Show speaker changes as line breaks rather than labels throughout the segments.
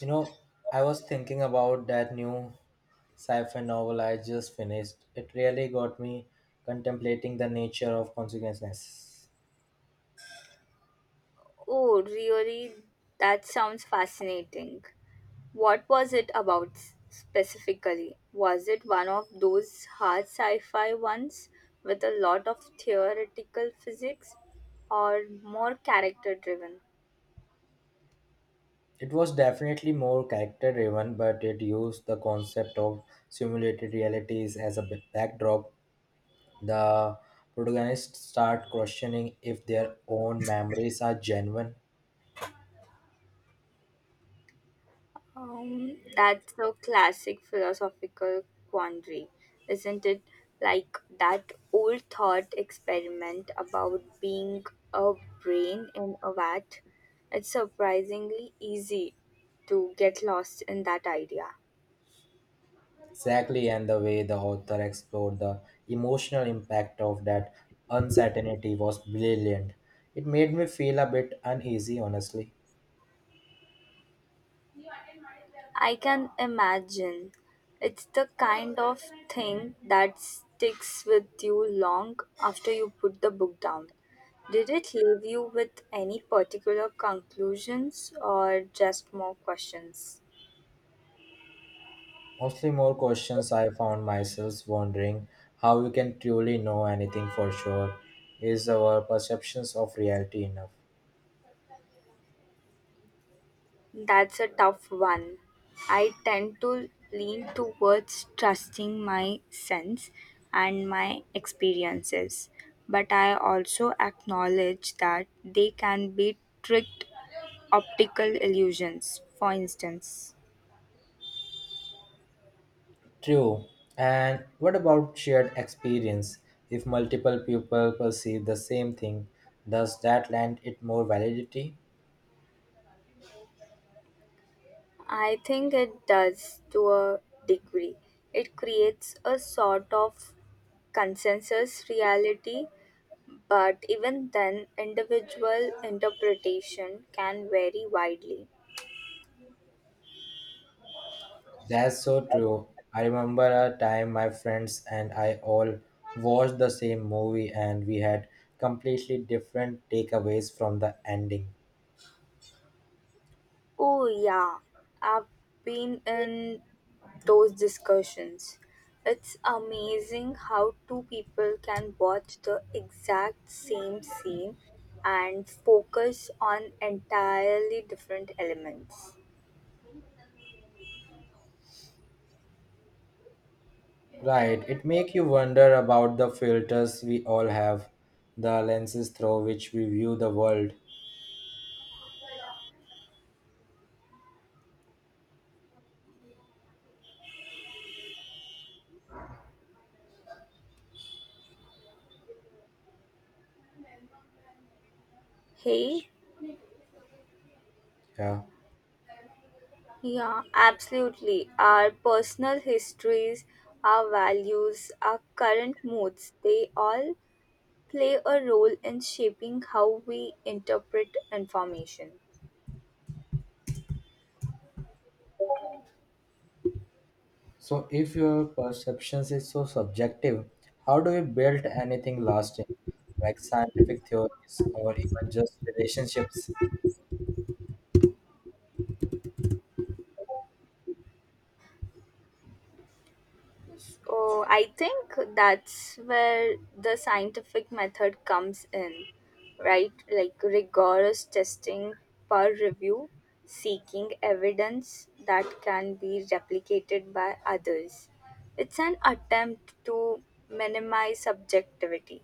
You know, I was thinking about that new sci-fi novel I just finished. It really got me contemplating the nature of consciousness.
Oh, really? That sounds fascinating. What was it about specifically? Was it one of those hard sci fi ones with a lot of theoretical physics or more character driven?
It was definitely more character-driven, but it used the concept of simulated realities as a backdrop. The protagonists start questioning if their own memories are genuine.
That's a classic philosophical quandary, isn't it? Like that old thought experiment about being a brain in a vat. It's surprisingly easy to get lost in that idea.
Exactly, and the way the author explored the emotional impact of that uncertainty was brilliant. It made me feel a bit uneasy, honestly.
I can imagine. It's the kind of thing that sticks with you long after you put the book down. Did it leave you with any particular conclusions or just more questions?
Mostly more questions. I found myself wondering how we can truly know anything for sure. Is our perceptions of reality enough?
That's a tough one. I tend to lean towards trusting my sense and my experiences, but I also acknowledge that they can be tricked optical illusions, for instance.
True. And what about shared experience? If multiple people perceive the same thing, does that lend it more validity?
I think it does to a degree. It creates a sort of consensus reality, but even then, individual interpretation can vary widely.
That's so true. I remember a time my friends and I all watched the same movie and we had completely different takeaways from the ending.
Oh, yeah, I've been in those discussions. It's amazing how two people can watch the exact same scene and focus on entirely different elements.
Right, it make you wonder about the filters we all have, the lenses through which we view the world.
Hey,
Yeah.
yeah, absolutely. Our personal histories, our values, our current moods, they all play a role in shaping how we interpret information.
So if your perceptions is so subjective, how do we build anything lasting, like scientific theories or even just relationships?
Oh, I think that's where the scientific method comes in, right? Like rigorous testing, peer review, seeking evidence that can be replicated by others. It's an attempt to minimize subjectivity.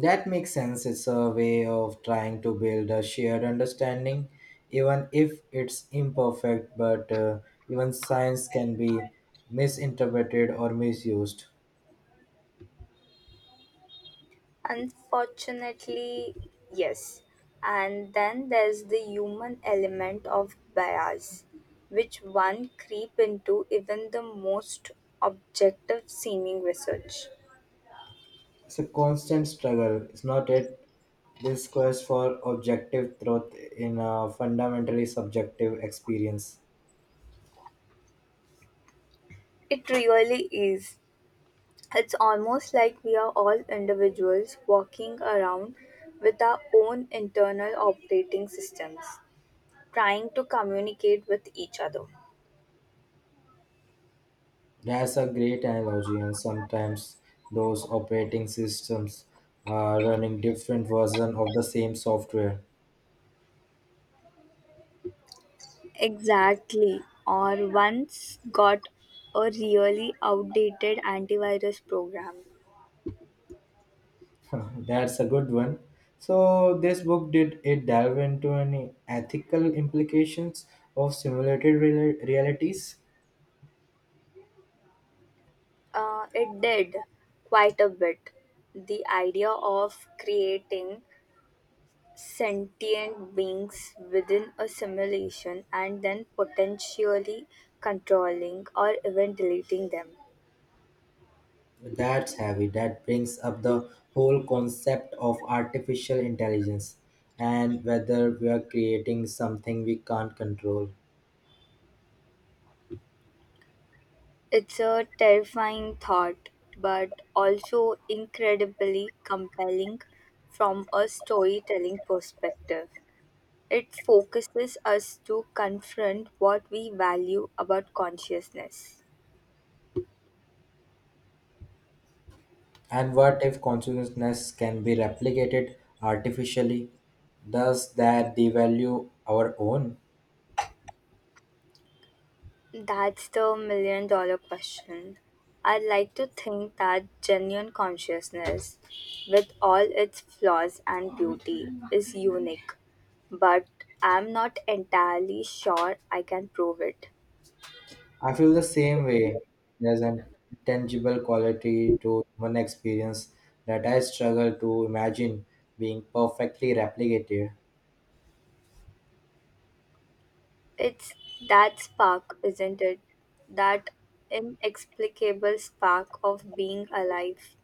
That makes sense. It's a way of trying to build a shared understanding, even if it's imperfect, but even science can be misinterpreted or misused.
Unfortunately, yes. And then there's the human element of bias, which one creep into even the most objective seeming research.
It's a constant struggle, is not it? This quest for objective truth in a fundamentally subjective experience.
It really is. It's almost like we are all individuals walking around with our own internal operating systems, trying to communicate with each other.
That's a great analogy, and sometimes those operating systems are running different versions of the same software.
Exactly. Or once got a really outdated antivirus program.
That's a good one. So, this book, did it delve into any ethical implications of realities?
It did quite a bit. The idea of creating sentient beings within a simulation and then potentially controlling or even deleting them.
That's heavy. That brings up the whole concept of artificial intelligence and whether we are creating something we can't control.
It's a terrifying thought, but also incredibly compelling from a storytelling perspective. It focuses us to confront what we value about consciousness.
And what if consciousness can be replicated artificially? Does that devalue our own?
That's the million dollar question. I like to think that genuine consciousness, with all its flaws and beauty, is unique, but I'm not entirely sure I can prove it.
I feel the same way. There's an tangible quality to human experience that I struggle to imagine being perfectly replicated.
It's that spark, isn't it? That inexplicable spark of being alive.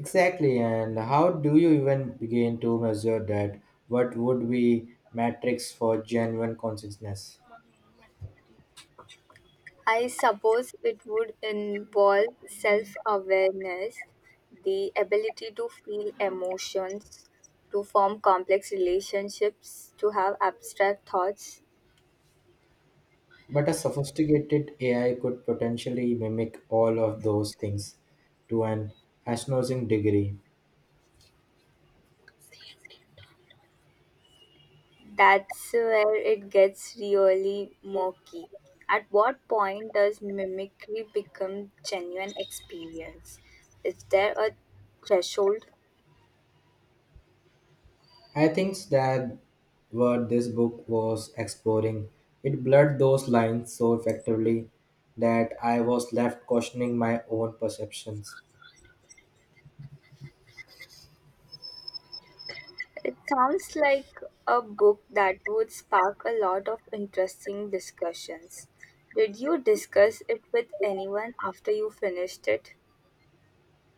Exactly, and how do you even begin to measure that? What would be metrics for genuine consciousness?
I suppose it would involve self awareness, the ability to feel emotions, to form complex relationships, to have abstract thoughts.
But a sophisticated AI could potentially mimic all of those things to an astonishing degree.
That's where it gets really murky. At what point does mimicry become genuine experience? Is there a threshold?
I think that what this book was exploring, it blurred those lines so effectively that I was left questioning my own perceptions.
It sounds like a book that would spark a lot of interesting discussions. Did you discuss it with anyone after you finished it?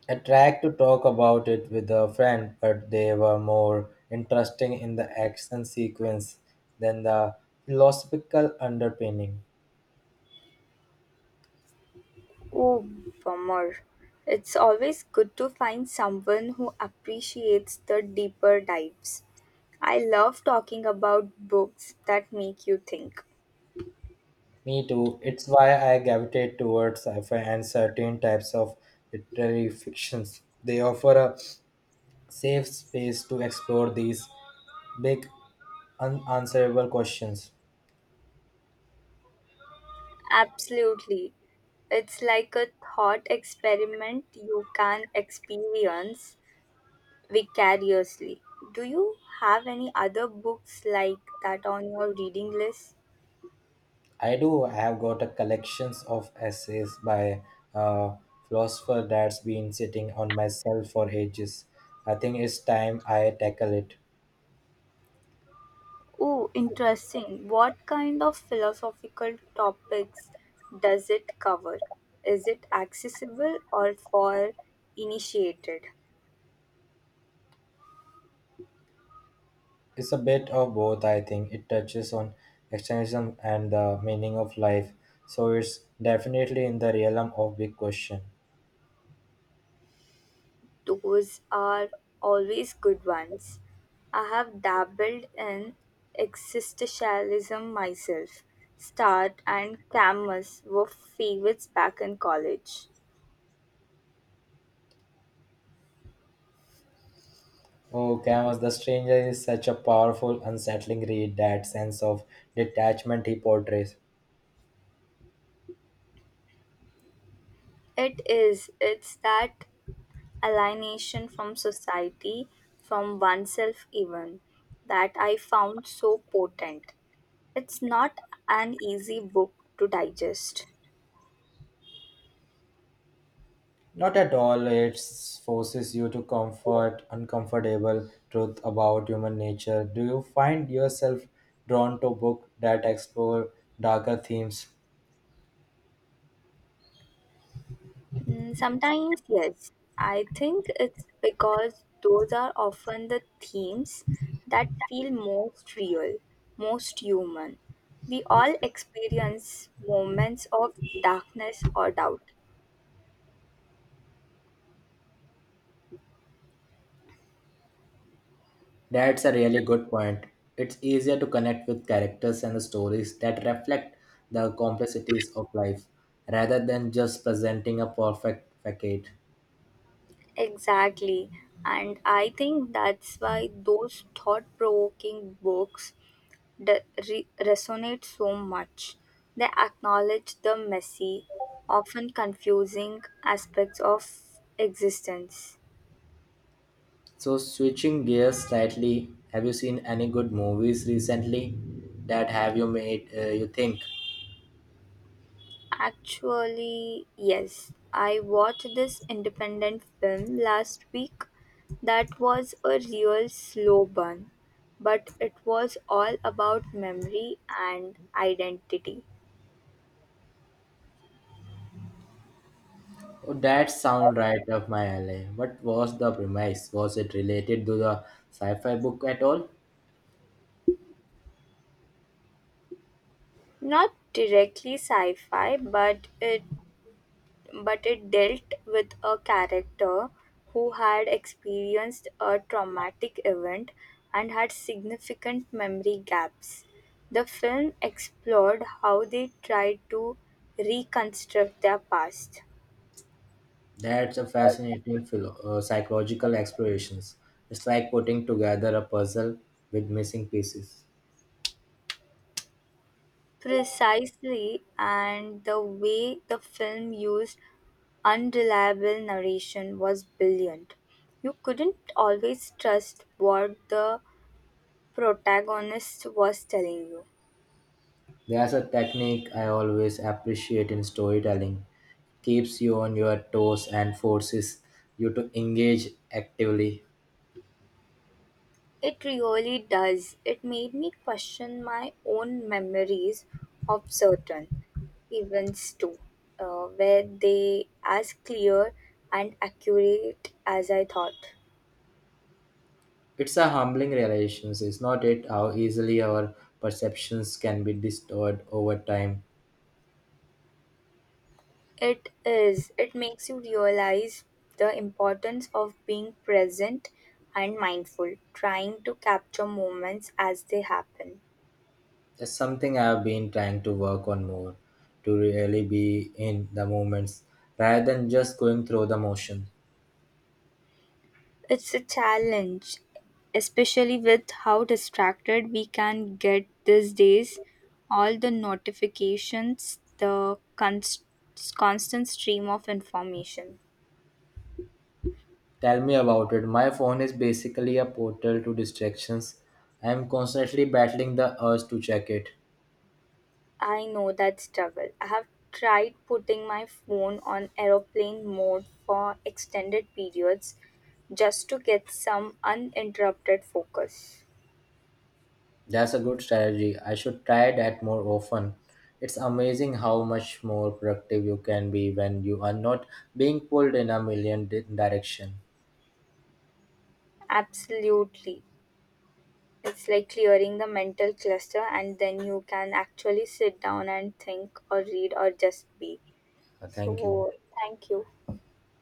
I tried to talk about it with a friend, but they were more interesting in the action sequence than the philosophical underpinning.
Oh, bummer. It's always good to find someone who appreciates the deeper dives. I love talking about books that make you think.
Me too. It's why I gravitate towards sci-fi and certain types of literary fictions. They offer a safe space to explore these big unanswerable questions.
Absolutely. It's like a thought experiment you can experience vicariously. Do you have any other books like that on your reading list?
I do. I have got a collections of essays by a philosopher that's been sitting on my shelf for ages. I think it's time I tackle it.
Oh, interesting. What kind of philosophical topics does it cover? Is it accessible or for initiated?
It's a bit of both. I think it touches on existentialism and the meaning of life, so it's definitely in the realm of big question.
Those are always good ones. I have dabbled in existentialism myself. Start and Camus were favorites back in college.
Oh, Camus the Stranger is such a powerful, unsettling read. That sense of detachment he portrays.
It is. It's that alienation from society, from oneself even, that I found so potent. It's not an easy book to digest.
Not at all. It forces you to comfort uncomfortable truth about human nature. Do you find yourself drawn to books that explore darker themes?
Mm, sometimes, yes. I think it's because those are often the themes that feel most real, most human. We all experience moments of darkness or doubt.
That's a really good point. It's easier to connect with characters and stories that reflect the complexities of life rather than just presenting a perfect facade.
Exactly. And I think that's why those thought provoking books resonate so much. They acknowledge the messy, often confusing aspects of existence.
So, switching gears slightly, have you seen any good movies recently that have you made you think?
Actually, yes, I watched this independent film last week that was a real slow burn, but it was all about memory and identity.
Oh, that sound right up my alley. What was the premise? Was it related to the sci-fi book at all?
Not directly sci-fi, but it dealt with a character who had experienced a traumatic event and had significant memory gaps. The film explored how they tried to reconstruct their past.
That's a fascinating psychological explorations. It's like putting together a puzzle with missing pieces.
Precisely, and the way the film used unreliable narration was brilliant. You couldn't always trust what the protagonist was telling you.
There's a technique I always appreciate in storytelling. Keeps you on your toes and forces you to engage actively.
It really does. It made me question my own memories of certain events too. Were they as clear and accurate as I thought?
It's a humbling realization, is not it? How easily our perceptions can be distorted over time.
It is. It makes you realize the importance of being present and mindful, trying to capture moments as they happen.
It's something I've been trying to work on more, to really be in the moments rather than just going through the motion.
It's a challenge, especially with how distracted we can get these days. All the notifications, the constant stream of information.
Tell me about it. My phone is basically a portal to distractions. I'm constantly battling the urge to check it.
I know that struggle. I have tried putting my phone on aeroplane mode for extended periods just to get some uninterrupted focus.
That's a good strategy. I should try that more often. It's amazing how much more productive you can be when you are not being pulled in a direction.
Absolutely. It's like clearing the mental cluster, and then you can actually sit down and think, or read, or just be.
Thank you.
So, thank you.